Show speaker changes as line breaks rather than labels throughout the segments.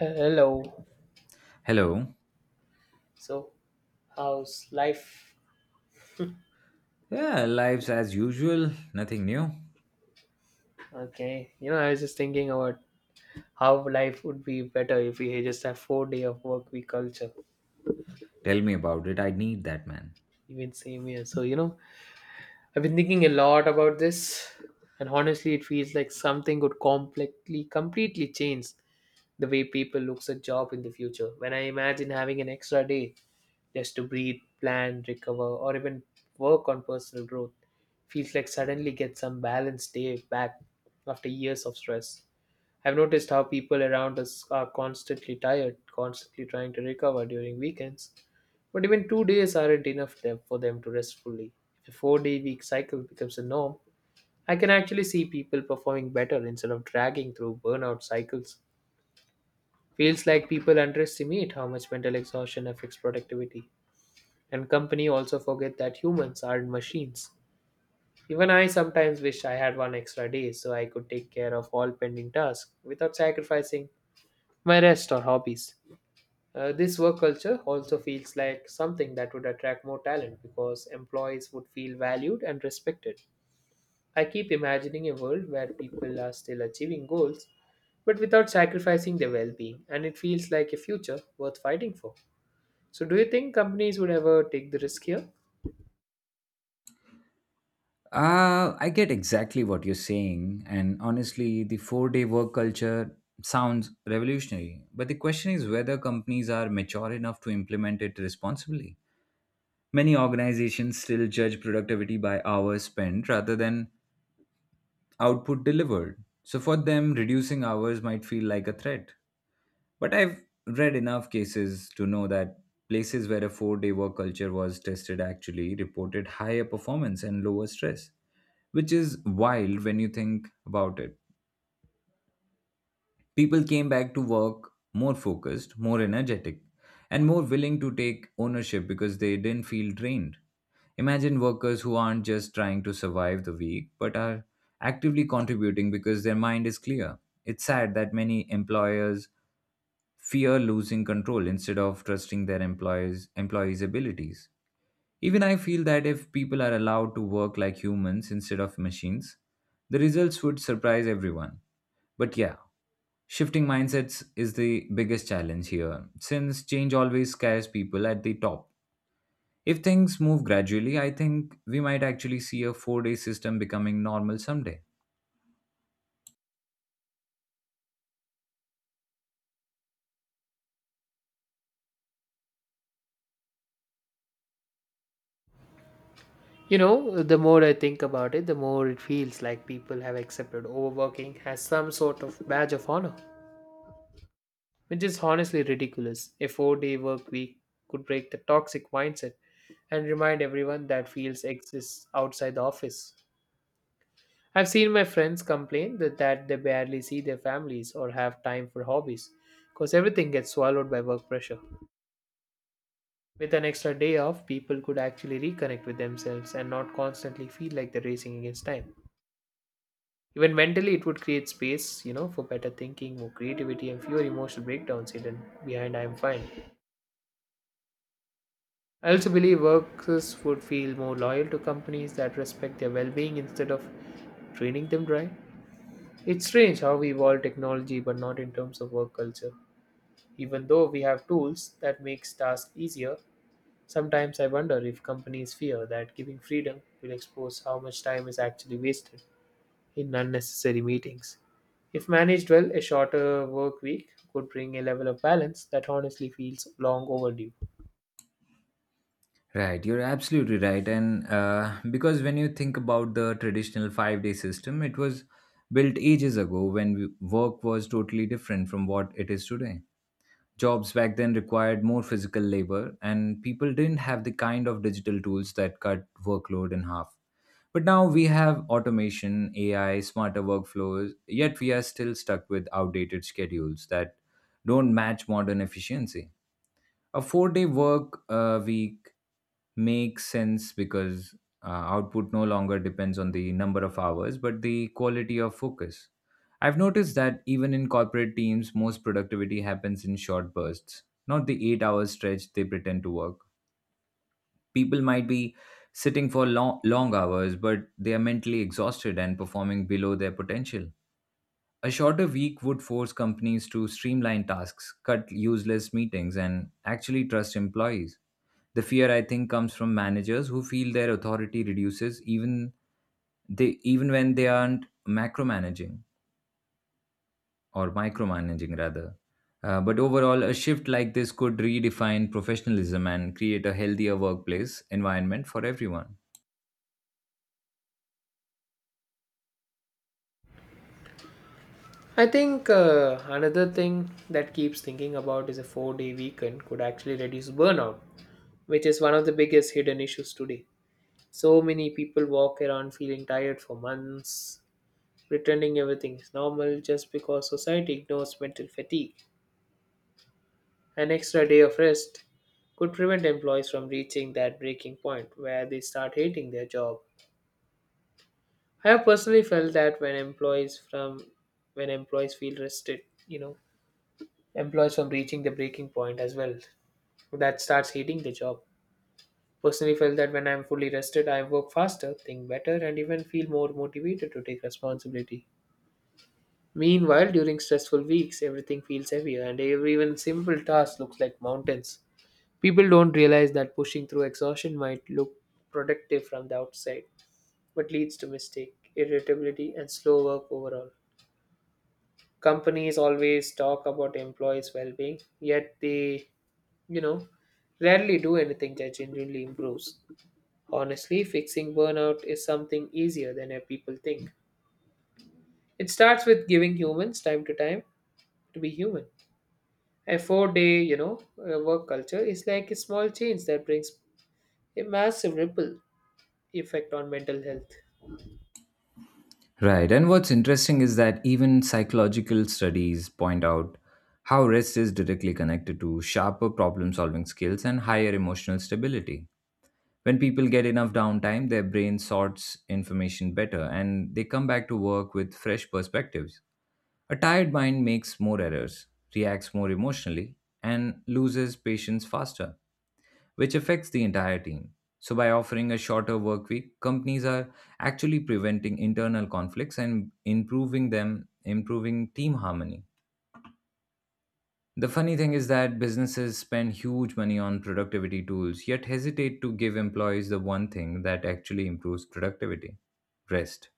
Hello.
Hello.
So, how's life?
Yeah, life's as usual, nothing new.
Okay. I was just thinking about how life would be better if we just have 4 day of work week culture.
Tell me about it. I need that, man.
Even same here. So, I've been thinking a lot about this, and honestly, it feels like something could completely, completely change the way people looks at job in the future. When I imagine having an extra day just to breathe, plan, recover, or even work on personal growth, feels like suddenly get some balance day back after years of stress. I've noticed how people around us are constantly tired, constantly trying to recover during weekends. But even 2 days aren't enough for them to rest fully. If a 4 day week cycle becomes a norm, I can actually see people performing better instead of dragging through burnout cycles. Feels like people underestimate how much mental exhaustion affects productivity. And company also forget that humans aren't machines. Even I sometimes wish I had one extra day so I could take care of all pending tasks without sacrificing my rest or hobbies. This work culture also feels like something that would attract more talent because employees would feel valued and respected. I keep imagining a world where people are still achieving goals but without sacrificing their well being, and it feels like a future worth fighting for. So, do you think companies would ever take the risk here?
I get exactly what you're saying, and honestly, the 4-day work culture sounds revolutionary. But the question is whether companies are mature enough to implement it responsibly. Many organizations still judge productivity by hours spent rather than output delivered. So for them, reducing hours might feel like a threat. But I've read enough cases to know that places where a 4-day work culture was tested actually reported higher performance and lower stress, which is wild when you think about it. People came back to work more focused, more energetic, and more willing to take ownership because they didn't feel drained. Imagine workers who aren't just trying to survive the week but are actively contributing because their mind is clear. It's sad that many employers fear losing control instead of trusting their employees' abilities. Even I feel that if people are allowed to work like humans instead of machines, the results would surprise everyone. But yeah, shifting mindsets is the biggest challenge here, since change always scares people at the top. If things move gradually, I think we might actually see a 4-day system becoming normal someday.
You know, the more I think about it, the more it feels like people have accepted overworking as some sort of badge of honor, which is honestly ridiculous. A 4 day work week could break the toxic mindset and remind everyone that fields exist outside the office. I've seen my friends complain that they barely see their families or have time for hobbies because everything gets swallowed by work pressure. With an extra day off, people could actually reconnect with themselves and not constantly feel like they're racing against time. Even mentally, it would create space, for better thinking, more creativity, and fewer emotional breakdowns hidden behind I'm fine. I also believe workers would feel more loyal to companies that respect their well being instead of draining them dry. It's strange how we evolve technology, but not in terms of work culture. Even though we have tools that makes tasks easier, sometimes I wonder if companies fear that giving freedom will expose how much time is actually wasted in unnecessary meetings. If managed well, a shorter work week could bring a level of balance that honestly feels long overdue.
Right, you're absolutely right. And because when you think about the traditional 5-day system, it was built ages ago when work was totally different from what it is today. Jobs back then required more physical labor, and people didn't have the kind of digital tools that cut workload in half. But now we have automation, AI, smarter workflows, yet we are still stuck with outdated schedules that don't match modern efficiency. A 4-day work week makes sense because output no longer depends on the number of hours, but the quality of focus. I've noticed that even in corporate teams, most productivity happens in short bursts, not the 8-hour stretch they pretend to work. People might be sitting for long, long hours, but they are mentally exhausted and performing below their potential. A shorter week would force companies to streamline tasks, cut useless meetings, and actually trust employees. The fear, I think, comes from managers who feel their authority reduces even when they aren't macromanaging or micromanaging rather. But overall, a shift like this could redefine professionalism and create a healthier workplace environment for everyone.
I think another thing that keeps thinking about is a 4 day weekend could actually reduce burnout, which is one of the biggest hidden issues today. So many people walk around feeling tired for months, pretending everything is normal just because society ignores mental fatigue. An extra day of rest could prevent employees from reaching that breaking point where they start hating their job. I have personally felt that when employees feel rested, you know, employees from reaching the breaking point as well. That starts hating the job. Personally felt that when I'm fully rested, I work faster, think better, and even feel more motivated to take responsibility. Meanwhile, during stressful weeks, everything feels heavier and every even simple task looks like mountains. People don't realize that pushing through exhaustion might look productive from the outside, but leads to mistake, irritability, and slow work overall. Companies always talk about employees' well-being, yet they, you know, rarely do anything that genuinely improves. Honestly, fixing burnout is something easier than people think. It starts with giving humans time to time to be human. A four-day, work culture is like a small change that brings a massive ripple effect on mental health.
Right. And what's interesting is that even psychological studies point out how rest is directly connected to sharper problem solving skills and higher emotional stability. When people get enough downtime, their brain sorts information better and they come back to work with fresh perspectives. A tired mind makes more errors, reacts more emotionally, and loses patience faster, which affects the entire team. So, by offering a shorter work week, companies are actually preventing internal conflicts and improving team harmony. The funny thing is that businesses spend huge money on productivity tools, yet hesitate to give employees the one thing that actually improves productivity: rest.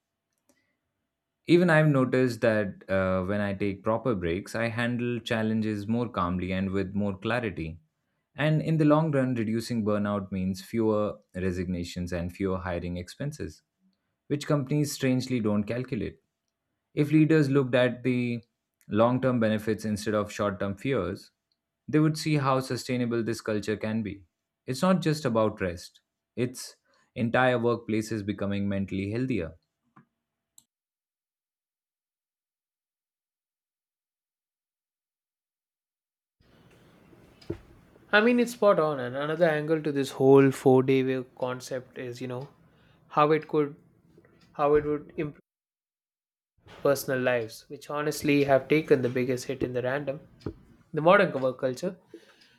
Even I've noticed that when I take proper breaks, I handle challenges more calmly and with more clarity. And in the long run, reducing burnout means fewer resignations and fewer hiring expenses, which companies strangely don't calculate. If leaders looked at the long term benefits instead of short term fears, they would see how sustainable this culture can be. It's not just about rest, it's entire workplaces becoming mentally healthier.
I mean, it's spot on. And another angle to this whole four-day week concept is, how it could, how it would improve personal lives, which honestly have taken the biggest hit in the random. The modern work culture,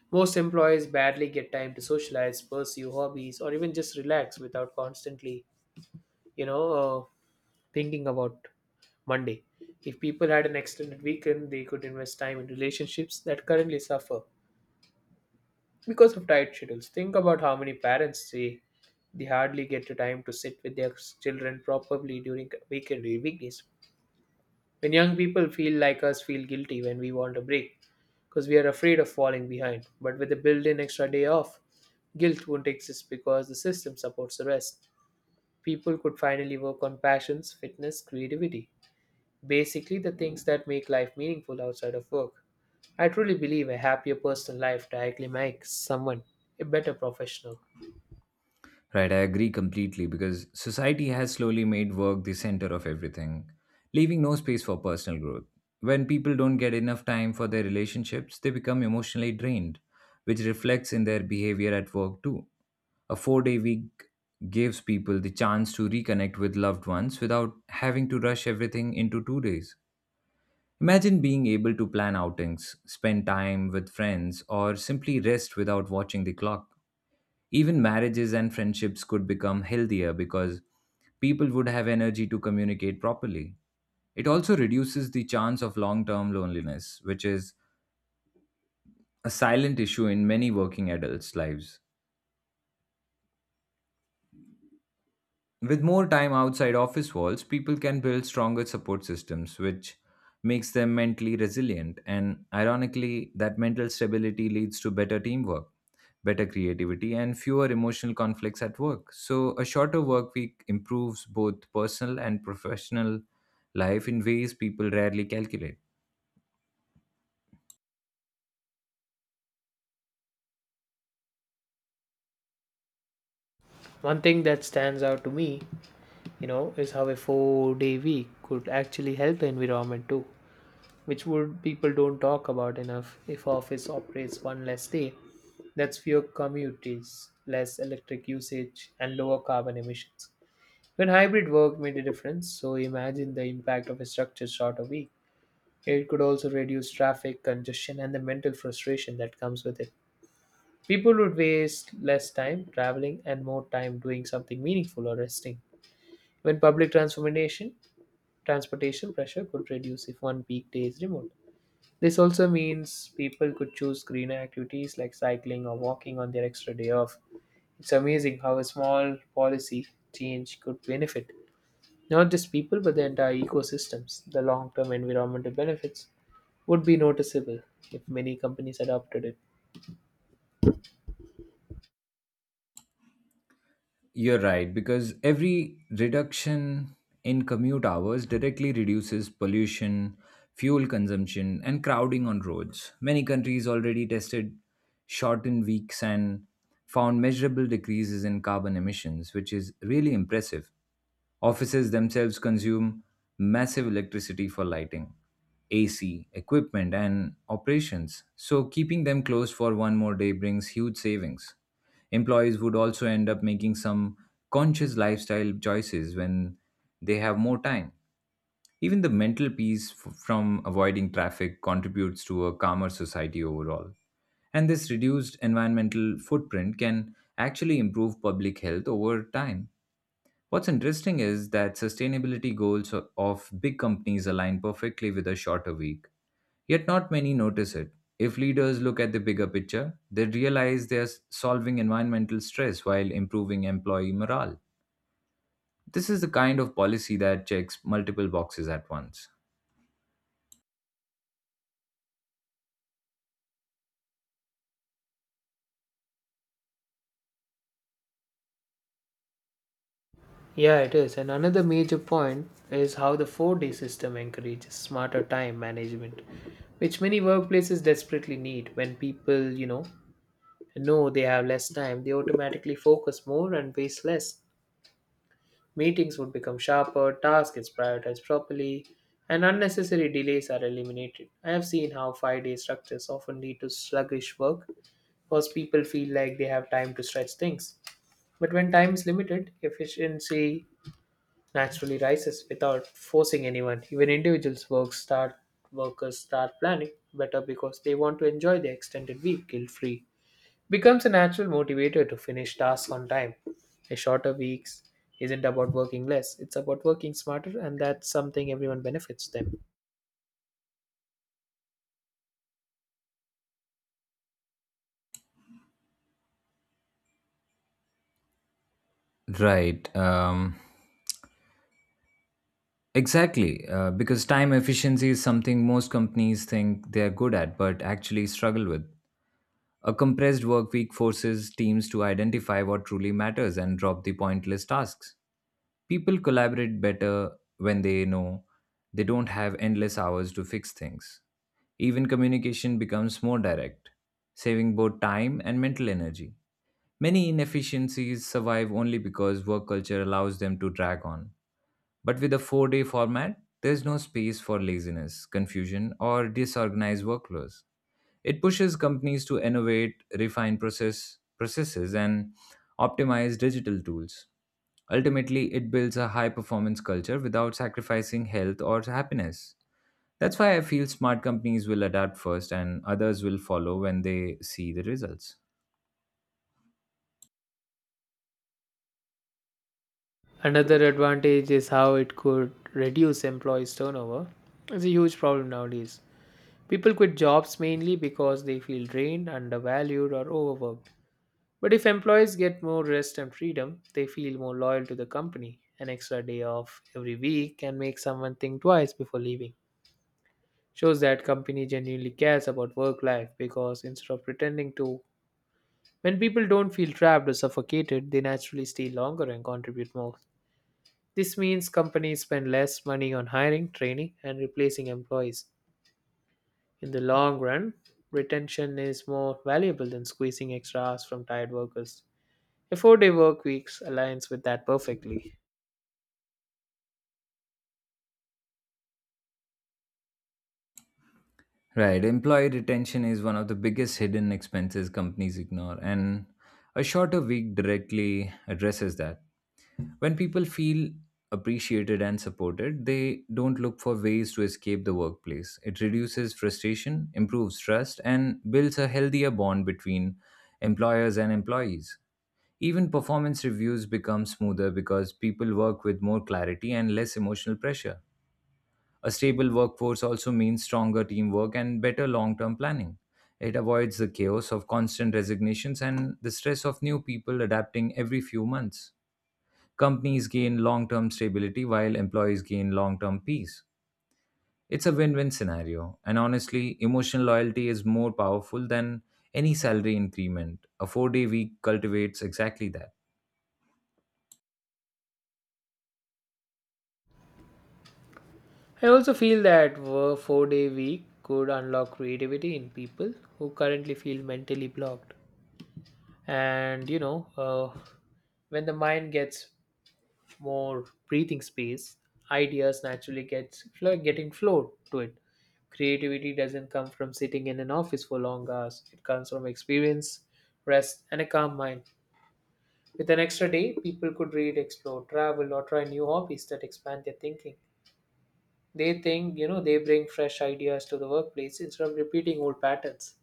most employees barely get time to socialize, pursue hobbies, or even just relax without constantly, you know, uh, thinking about Monday. If people had an extended weekend, they could invest time in relationships that currently suffer because of tight schedules. Think about how many parents say they hardly get the time to sit with their children properly during weekend weekdays. When young people feel like us feel guilty when we want a break because we are afraid of falling behind. But with a built-in extra day off, guilt won't exist because the system supports the rest. People could finally work on passions, fitness, creativity. Basically, the things that make life meaningful outside of work. I truly believe a happier personal life directly makes someone a better professional.
Right, I agree completely because society has slowly made work the center of everything, leaving no space for personal growth. When people don't get enough time for their relationships, they become emotionally drained, which reflects in their behavior at work too. A 4-day week gives people the chance to reconnect with loved ones without having to rush everything into 2 days. Imagine being able to plan outings, spend time with friends, or simply rest without watching the clock. Even marriages and friendships could become healthier because people would have energy to communicate properly. It also reduces the chance of long term loneliness, which is a silent issue in many working adults' lives. With more time outside office walls, people can build stronger support systems, which makes them mentally resilient. And ironically, that mental stability leads to better teamwork, better creativity, and fewer emotional conflicts at work. So, a shorter work week improves both personal and professional life in ways people rarely calculate.
One thing that stands out to me, is how a 4 day week could actually help the environment too, which would people don't talk about enough. If office operates one less day, that's fewer commutes, less electric usage, and lower carbon emissions. When hybrid work made a difference, so imagine the impact of a structured shorter week. It could also reduce traffic, congestion, and the mental frustration that comes with it. People would waste less time traveling and more time doing something meaningful or resting. When transportation pressure could reduce if one peak day is removed. This also means people could choose greener activities like cycling or walking on their extra day off. It's amazing how a small policy change could benefit not just people but the entire ecosystems. The long term environmental benefits would be noticeable if many companies adopted it.
You're right, because every reduction in commute hours directly reduces pollution, fuel consumption, and crowding on roads. Many countries already tested shortened weeks and found measurable decreases in carbon emissions, which is really impressive. Offices themselves consume massive electricity for lighting, AC, equipment, and operations, so keeping them closed for one more day brings huge savings. Employees would also end up making some conscious lifestyle choices when they have more time. Even the mental peace from avoiding traffic contributes to a calmer society overall. And this reduced environmental footprint can actually improve public health over time. What's interesting is that sustainability goals of big companies align perfectly with a shorter week. Yet, not many notice it. If leaders look at the bigger picture, they realize they are solving environmental stress while improving employee morale. This is the kind of policy that checks multiple boxes at once.
Yeah, it is. And another major point is how the 4 day system encourages smarter time management, which many workplaces desperately need. When people, know they have less time, they automatically focus more and waste less. Meetings would become sharper, tasks is prioritized properly, and unnecessary delays are eliminated. I have seen how 5 day structures often lead to sluggish work because people feel like they have time to stretch things. But when time is limited, efficiency naturally rises without forcing anyone. Even individuals work start workers start planning better because they want to enjoy their extended week guilt free. Becomes a natural motivator to finish tasks on time. A shorter weeks isn't about working less, it's about working smarter and that's something everyone benefits them.
Right. Exactly. Because time efficiency is something most companies think they're good at, but actually struggle with. A compressed work week forces teams to identify what truly matters and drop the pointless tasks. People collaborate better when they know they don't have endless hours to fix things. Even communication becomes more direct, saving both time and mental energy. Many inefficiencies survive only because work culture allows them to drag on. But with a 4-day format, there's no space for laziness, confusion, or disorganized workflows. It pushes companies to innovate, refine processes, and optimize digital tools. Ultimately, it builds a high performance culture without sacrificing health or happiness. That's why I feel smart companies will adapt first and others will follow when they see the results.
Another advantage is how it could reduce employees' turnover. It's a huge problem nowadays. People quit jobs mainly because they feel drained, undervalued, or overworked. But if employees get more rest and freedom, they feel more loyal to the company. An extra day off every week can make someone think twice before leaving. Shows that company genuinely cares about work life because instead of pretending to, when people don't feel trapped or suffocated, they naturally stay longer and contribute more. This means companies spend less money on hiring, training, and replacing employees. In the long run, retention is more valuable than squeezing extra hours from tired workers. A 4 day work week aligns with that perfectly.
Right. Employee retention is one of the biggest hidden expenses companies ignore, and a shorter week directly addresses that. When people feel appreciated and supported, they don't look for ways to escape the workplace. It reduces frustration, improves trust, and builds a healthier bond between employers and employees. Even performance reviews become smoother because people work with more clarity and less emotional pressure. A stable workforce also means stronger teamwork and better long term planning. It avoids the chaos of constant resignations and the stress of new people adapting every few months. Companies gain long term stability while employees gain long term peace. It's a win win scenario, and honestly, emotional loyalty is more powerful than any salary increment. A 4-day week cultivates exactly that.
I also feel that a 4 day week could unlock creativity in people who currently feel mentally blocked. And when the mind gets more breathing space, ideas naturally gets flow, getting flow to it. Creativity doesn't come from sitting in an office for long hours. It comes from experience, rest, and a calm mind. With an extra day, people could read, explore, travel, or try new hobbies that expand their thinking. They think, they bring fresh ideas to the workplace instead of repeating old patterns.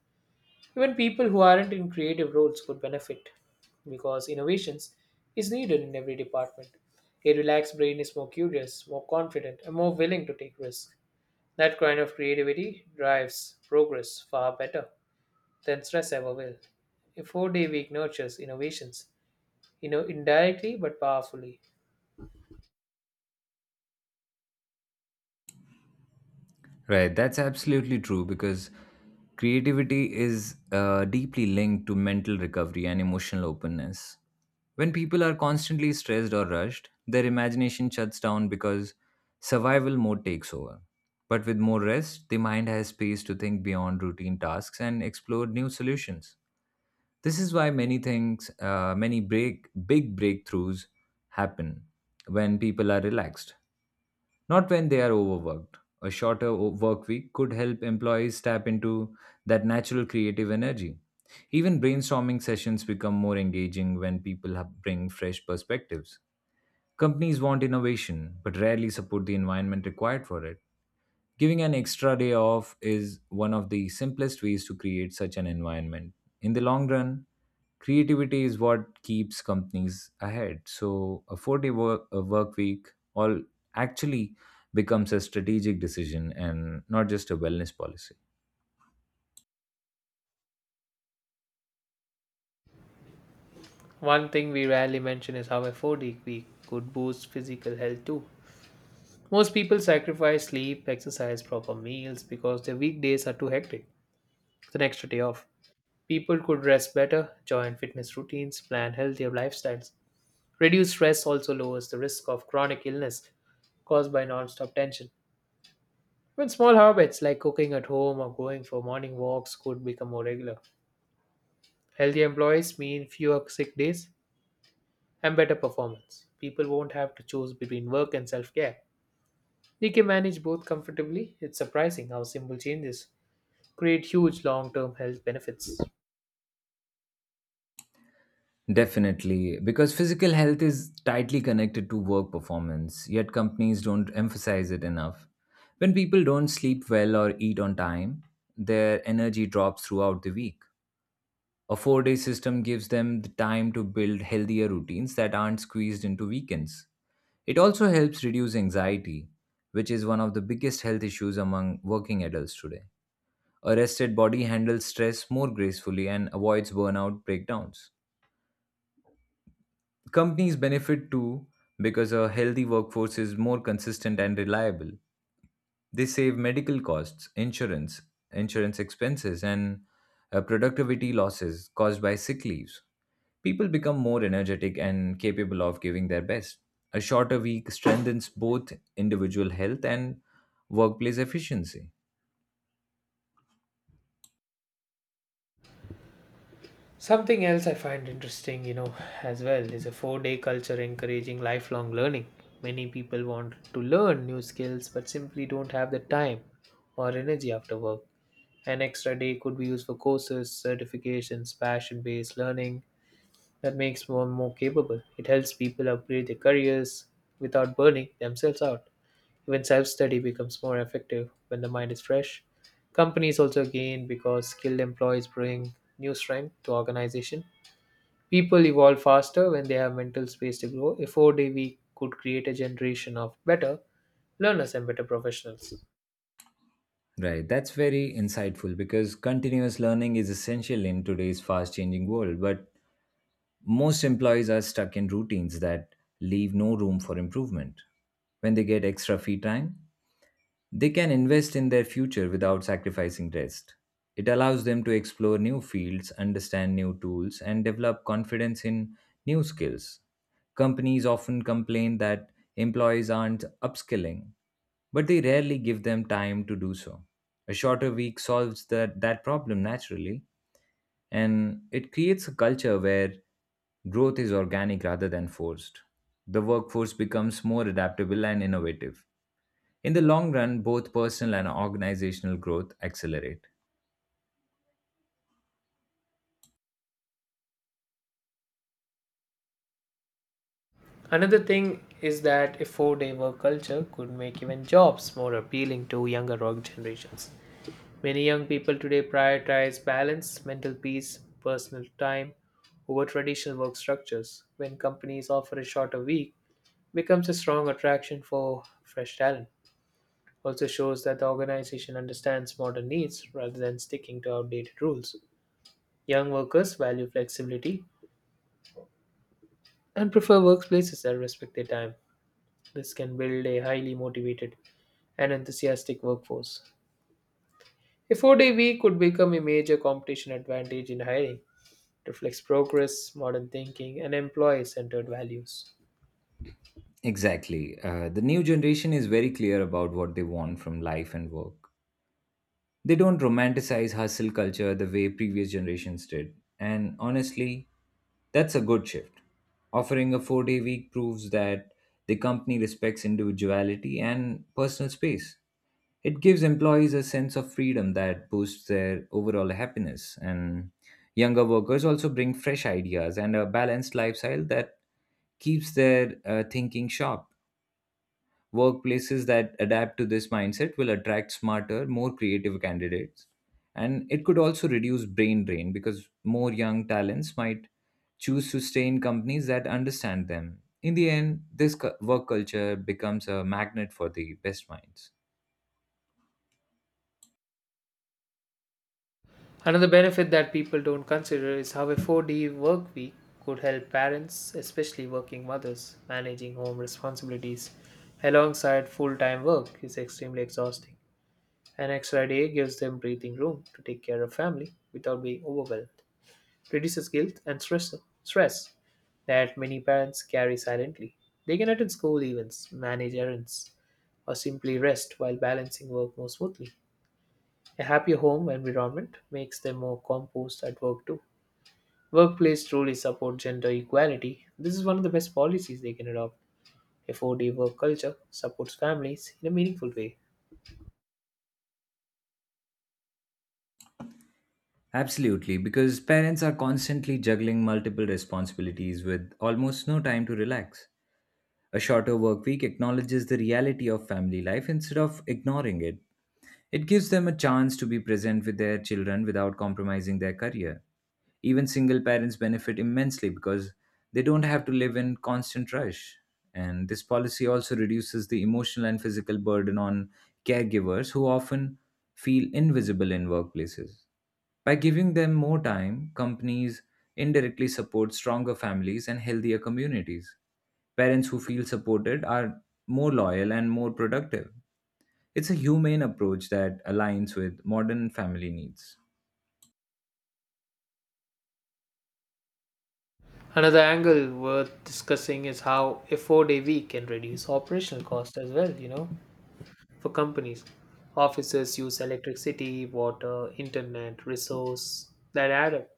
Even people who aren't in creative roles could benefit because innovations is needed in every department. A relaxed brain is more curious, more confident, and more willing to take risks. That kind of creativity drives progress far better than stress ever will. A 4 day week nurtures innovations, indirectly but powerfully.
Right, that's absolutely true because creativity is deeply linked to mental recovery and emotional openness. When people are constantly stressed or rushed, their imagination shuts down because survival mode takes over. But with more rest, the mind has space to think beyond routine tasks and explore new solutions. This is why many things, many break, big breakthroughs happen when people are relaxed, not when they are overworked. A shorter work week could help employees tap into that natural creative energy. Even brainstorming sessions become more engaging when people bring fresh perspectives. Companies want innovation, but rarely support the environment required for it. Giving an extra day off is one of the simplest ways to create such an environment. In the long run, creativity is what keeps companies ahead. So, a work week all actually becomes a strategic decision and not just a wellness policy.
One thing we rarely mention is how a 4 day week could boost physical health too. Most people sacrifice sleep, exercise, proper meals because their weekdays are too hectic. With an extra day off. People could rest better, join fitness routines, plan healthier lifestyles. Reduced stress also lowers the risk of chronic illness caused by non-stop tension. Even small habits like cooking at home or going for morning walks could become more regular. Healthy employees mean fewer sick days and better performance. People won't have to choose between work and self care. They can manage both comfortably. It's surprising how simple changes create huge long-term health benefits.
Definitely, because physical health is tightly connected to work performance, yet companies don't emphasize it enough. When people don't sleep well or eat on time, their energy drops throughout the week. A 4-day system gives them the time to build healthier routines that aren't squeezed into weekends. It also helps reduce anxiety, which is one of the biggest health issues among working adults today. A rested body handles stress more gracefully and avoids burnout breakdowns. Companies benefit too because a healthy workforce is more consistent and reliable. They save medical costs, insurance expenses, and productivity losses caused by sick leaves. People become more energetic and capable of giving their best. A shorter week strengthens both individual health and workplace efficiency.
Something else I find interesting, as well is a four-day culture encouraging lifelong learning. Many people want to learn new skills but simply don't have the time or energy after work. An extra day could be used for courses, certifications, passion-based learning that makes one more capable. It helps people upgrade their careers without burning themselves out. Even self study becomes more effective when the mind is fresh. Companies also gain because skilled employees bring new strength to organization. People evolve faster when they have mental space to grow. A 4 day week could create a generation of better learners and better professionals.
Right, that's very insightful because continuous learning is essential in today's fast changing world, but most employees are stuck in routines that leave no room for improvement. When they get extra free time, they can invest in their future without sacrificing rest. It allows them to explore new fields, understand new tools, and develop confidence in new skills. Companies often complain that employees aren't upskilling, but they rarely give them time to do so. A shorter week solves that problem naturally, and it creates a culture where growth is organic rather than forced. The workforce becomes more adaptable and innovative. In the long run, both personal and organizational growth accelerate.
Another thing is that a 4 day work culture could make even jobs more appealing to younger org generations. Many young people today prioritize balance, mental peace, personal time over traditional work structures. When companies offer a shorter week, it becomes a strong attraction for fresh talent. Also shows that the organization understands modern needs rather than sticking to outdated rules. Young workers value flexibility and prefer workplaces that respect their time. This can build a highly motivated and enthusiastic workforce. A 4 day week could become a major competition advantage in hiring reflects progress, modern thinking, and employee centered values.
Exactly. The new generation is very clear about what they want from life and work. They don't romanticize hustle culture the way previous generations did. And honestly, that's a good shift. Offering a 4-day week proves that the company respects individuality and personal space. It gives employees a sense of freedom that boosts their overall happiness. And younger workers also bring fresh ideas and a balanced lifestyle that keeps their thinking sharp. Workplaces that adapt to this mindset will attract smarter, more creative candidates. And it could also reduce brain drain because more young talents might choose to stay in companies that understand them. In the end, work culture becomes a magnet for the best minds.
Another benefit that people don't consider is how a 4D work week could help parents, especially working mothers, managing home responsibilities alongside full time work is extremely exhausting. An extra day gives them breathing room to take care of family without being overwhelmed, reduces guilt and stress, stress that many parents carry silently. They can attend school events, manage errands, or simply rest while balancing work more smoothly. A happier home environment makes them more composed at work too. Workplace truly support gender equality. This is one of the best policies they can adopt. A four-day work culture supports families in a meaningful way.
Absolutely, because parents are constantly juggling multiple responsibilities with almost no time to relax. A shorter work week acknowledges the reality of family life instead of ignoring it. It gives them a chance to be present with their children without compromising their career. Even single parents benefit immensely because they don't have to live in constant rush. And this policy also reduces the emotional and physical burden on caregivers who often feel invisible in workplaces. By giving them more time, companies indirectly support stronger families and healthier communities. Parents who feel supported are more loyal and more productive. It's a humane approach that aligns with modern family needs.
Another angle worth discussing is how a four-day week can reduce operational cost as well, For companies, offices use electricity, water, internet, resource that add up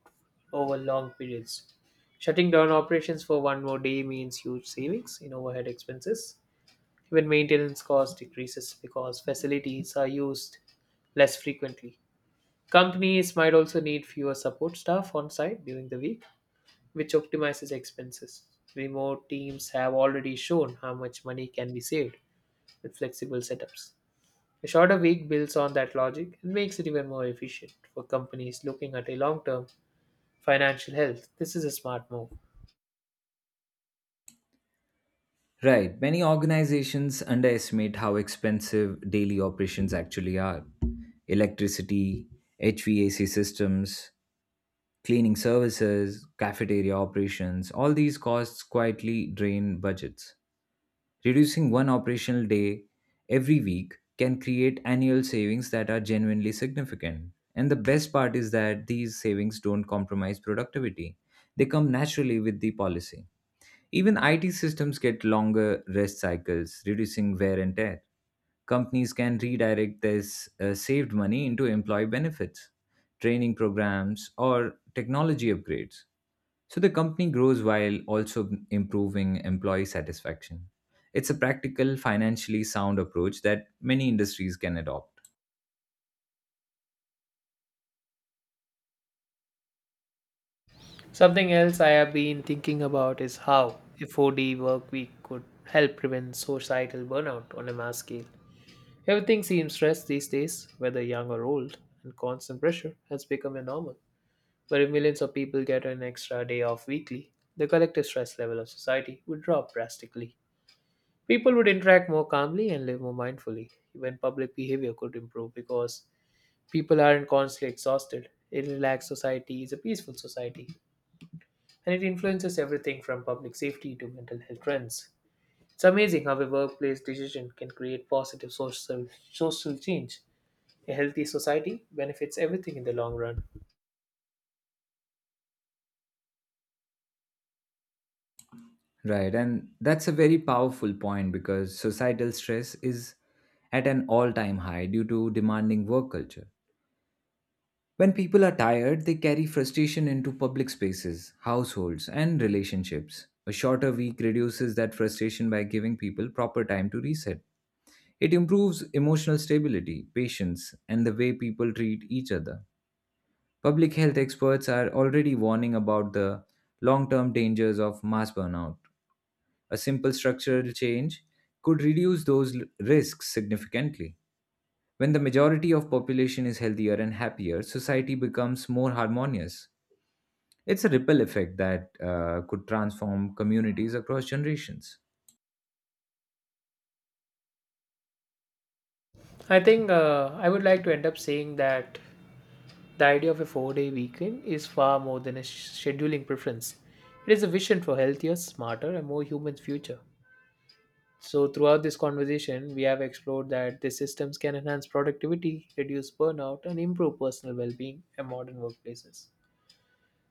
over long periods. Shutting down operations for one more day means huge savings in overhead expenses. Even maintenance cost decreases because facilities are used less frequently. Companies might also need fewer support staff on site during the week, which optimizes expenses. Remote teams have already shown how much money can be saved with flexible setups. A shorter week builds on that logic and makes it even more efficient for companies looking at a long term financial health. This is a smart move.
Right, many organizations underestimate how expensive daily operations actually are. Electricity, HVAC systems, cleaning services, cafeteria operations, all these costs quietly drain budgets. Reducing one operational day every week can create annual savings that are genuinely significant. And the best part is that these savings don't compromise productivity, they come naturally with the policy. Even IT systems get longer rest cycles, reducing wear and tear. Companies can redirect this saved money into employee benefits, training programs, or technology upgrades. So the company grows while also improving employee satisfaction. It's a practical, financially sound approach that many industries can adopt.
Something else I have been thinking about is how a 4D work week could help prevent societal burnout on a mass scale. Everything seems stressed these days, whether young or old, and constant pressure has become a normal. But if millions of people get an extra day off weekly, the collective stress level of society would drop drastically. People would interact more calmly and live more mindfully. Even public behavior could improve because people aren't constantly exhausted. A relaxed society is a peaceful society, and it influences everything from public safety to mental health trends. It's amazing how a workplace decision can create positive social, social change. A healthy society benefits everything in the long run.
Right, and that's a very powerful point because societal stress is at an all time high due to demanding work culture. When people are tired, they carry frustration into public spaces, households, and relationships. A shorter week reduces that frustration by giving people proper time to reset. It improves emotional stability, patience, and the way people treat each other. Public health experts are already warning about the long term dangers of mass burnout. A simple structural change could reduce risks significantly. When the majority of population is healthier and happier, society becomes more harmonious. It's a ripple effect that could transform communities across generations.
I think I would like to end up saying that the idea of a 4 day weekend is far more than a scheduling preference. It is a vision for healthier, smarter, and more human future. So, throughout this conversation, we have explored that these systems can enhance productivity, reduce burnout, and improve personal well being in modern workplaces.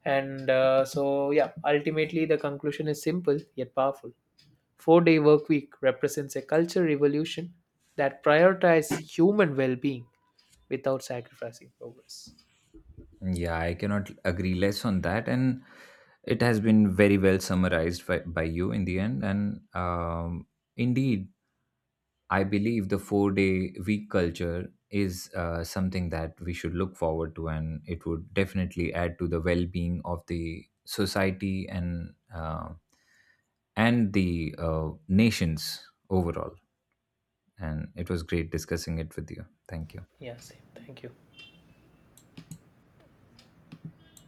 And so, yeah, ultimately, the conclusion is simple yet powerful. 4 day work week represents a culture revolution that prioritizes human well being without sacrificing progress.
Yeah, I cannot agree less on that. And it has been very well summarized by you in the end. And indeed, I believe the 4-day week culture is something that we should look forward to, and it would definitely add to the well being of the society and the nations overall. And it was great discussing it with you. Thank you.
Yeah, same. Thank you.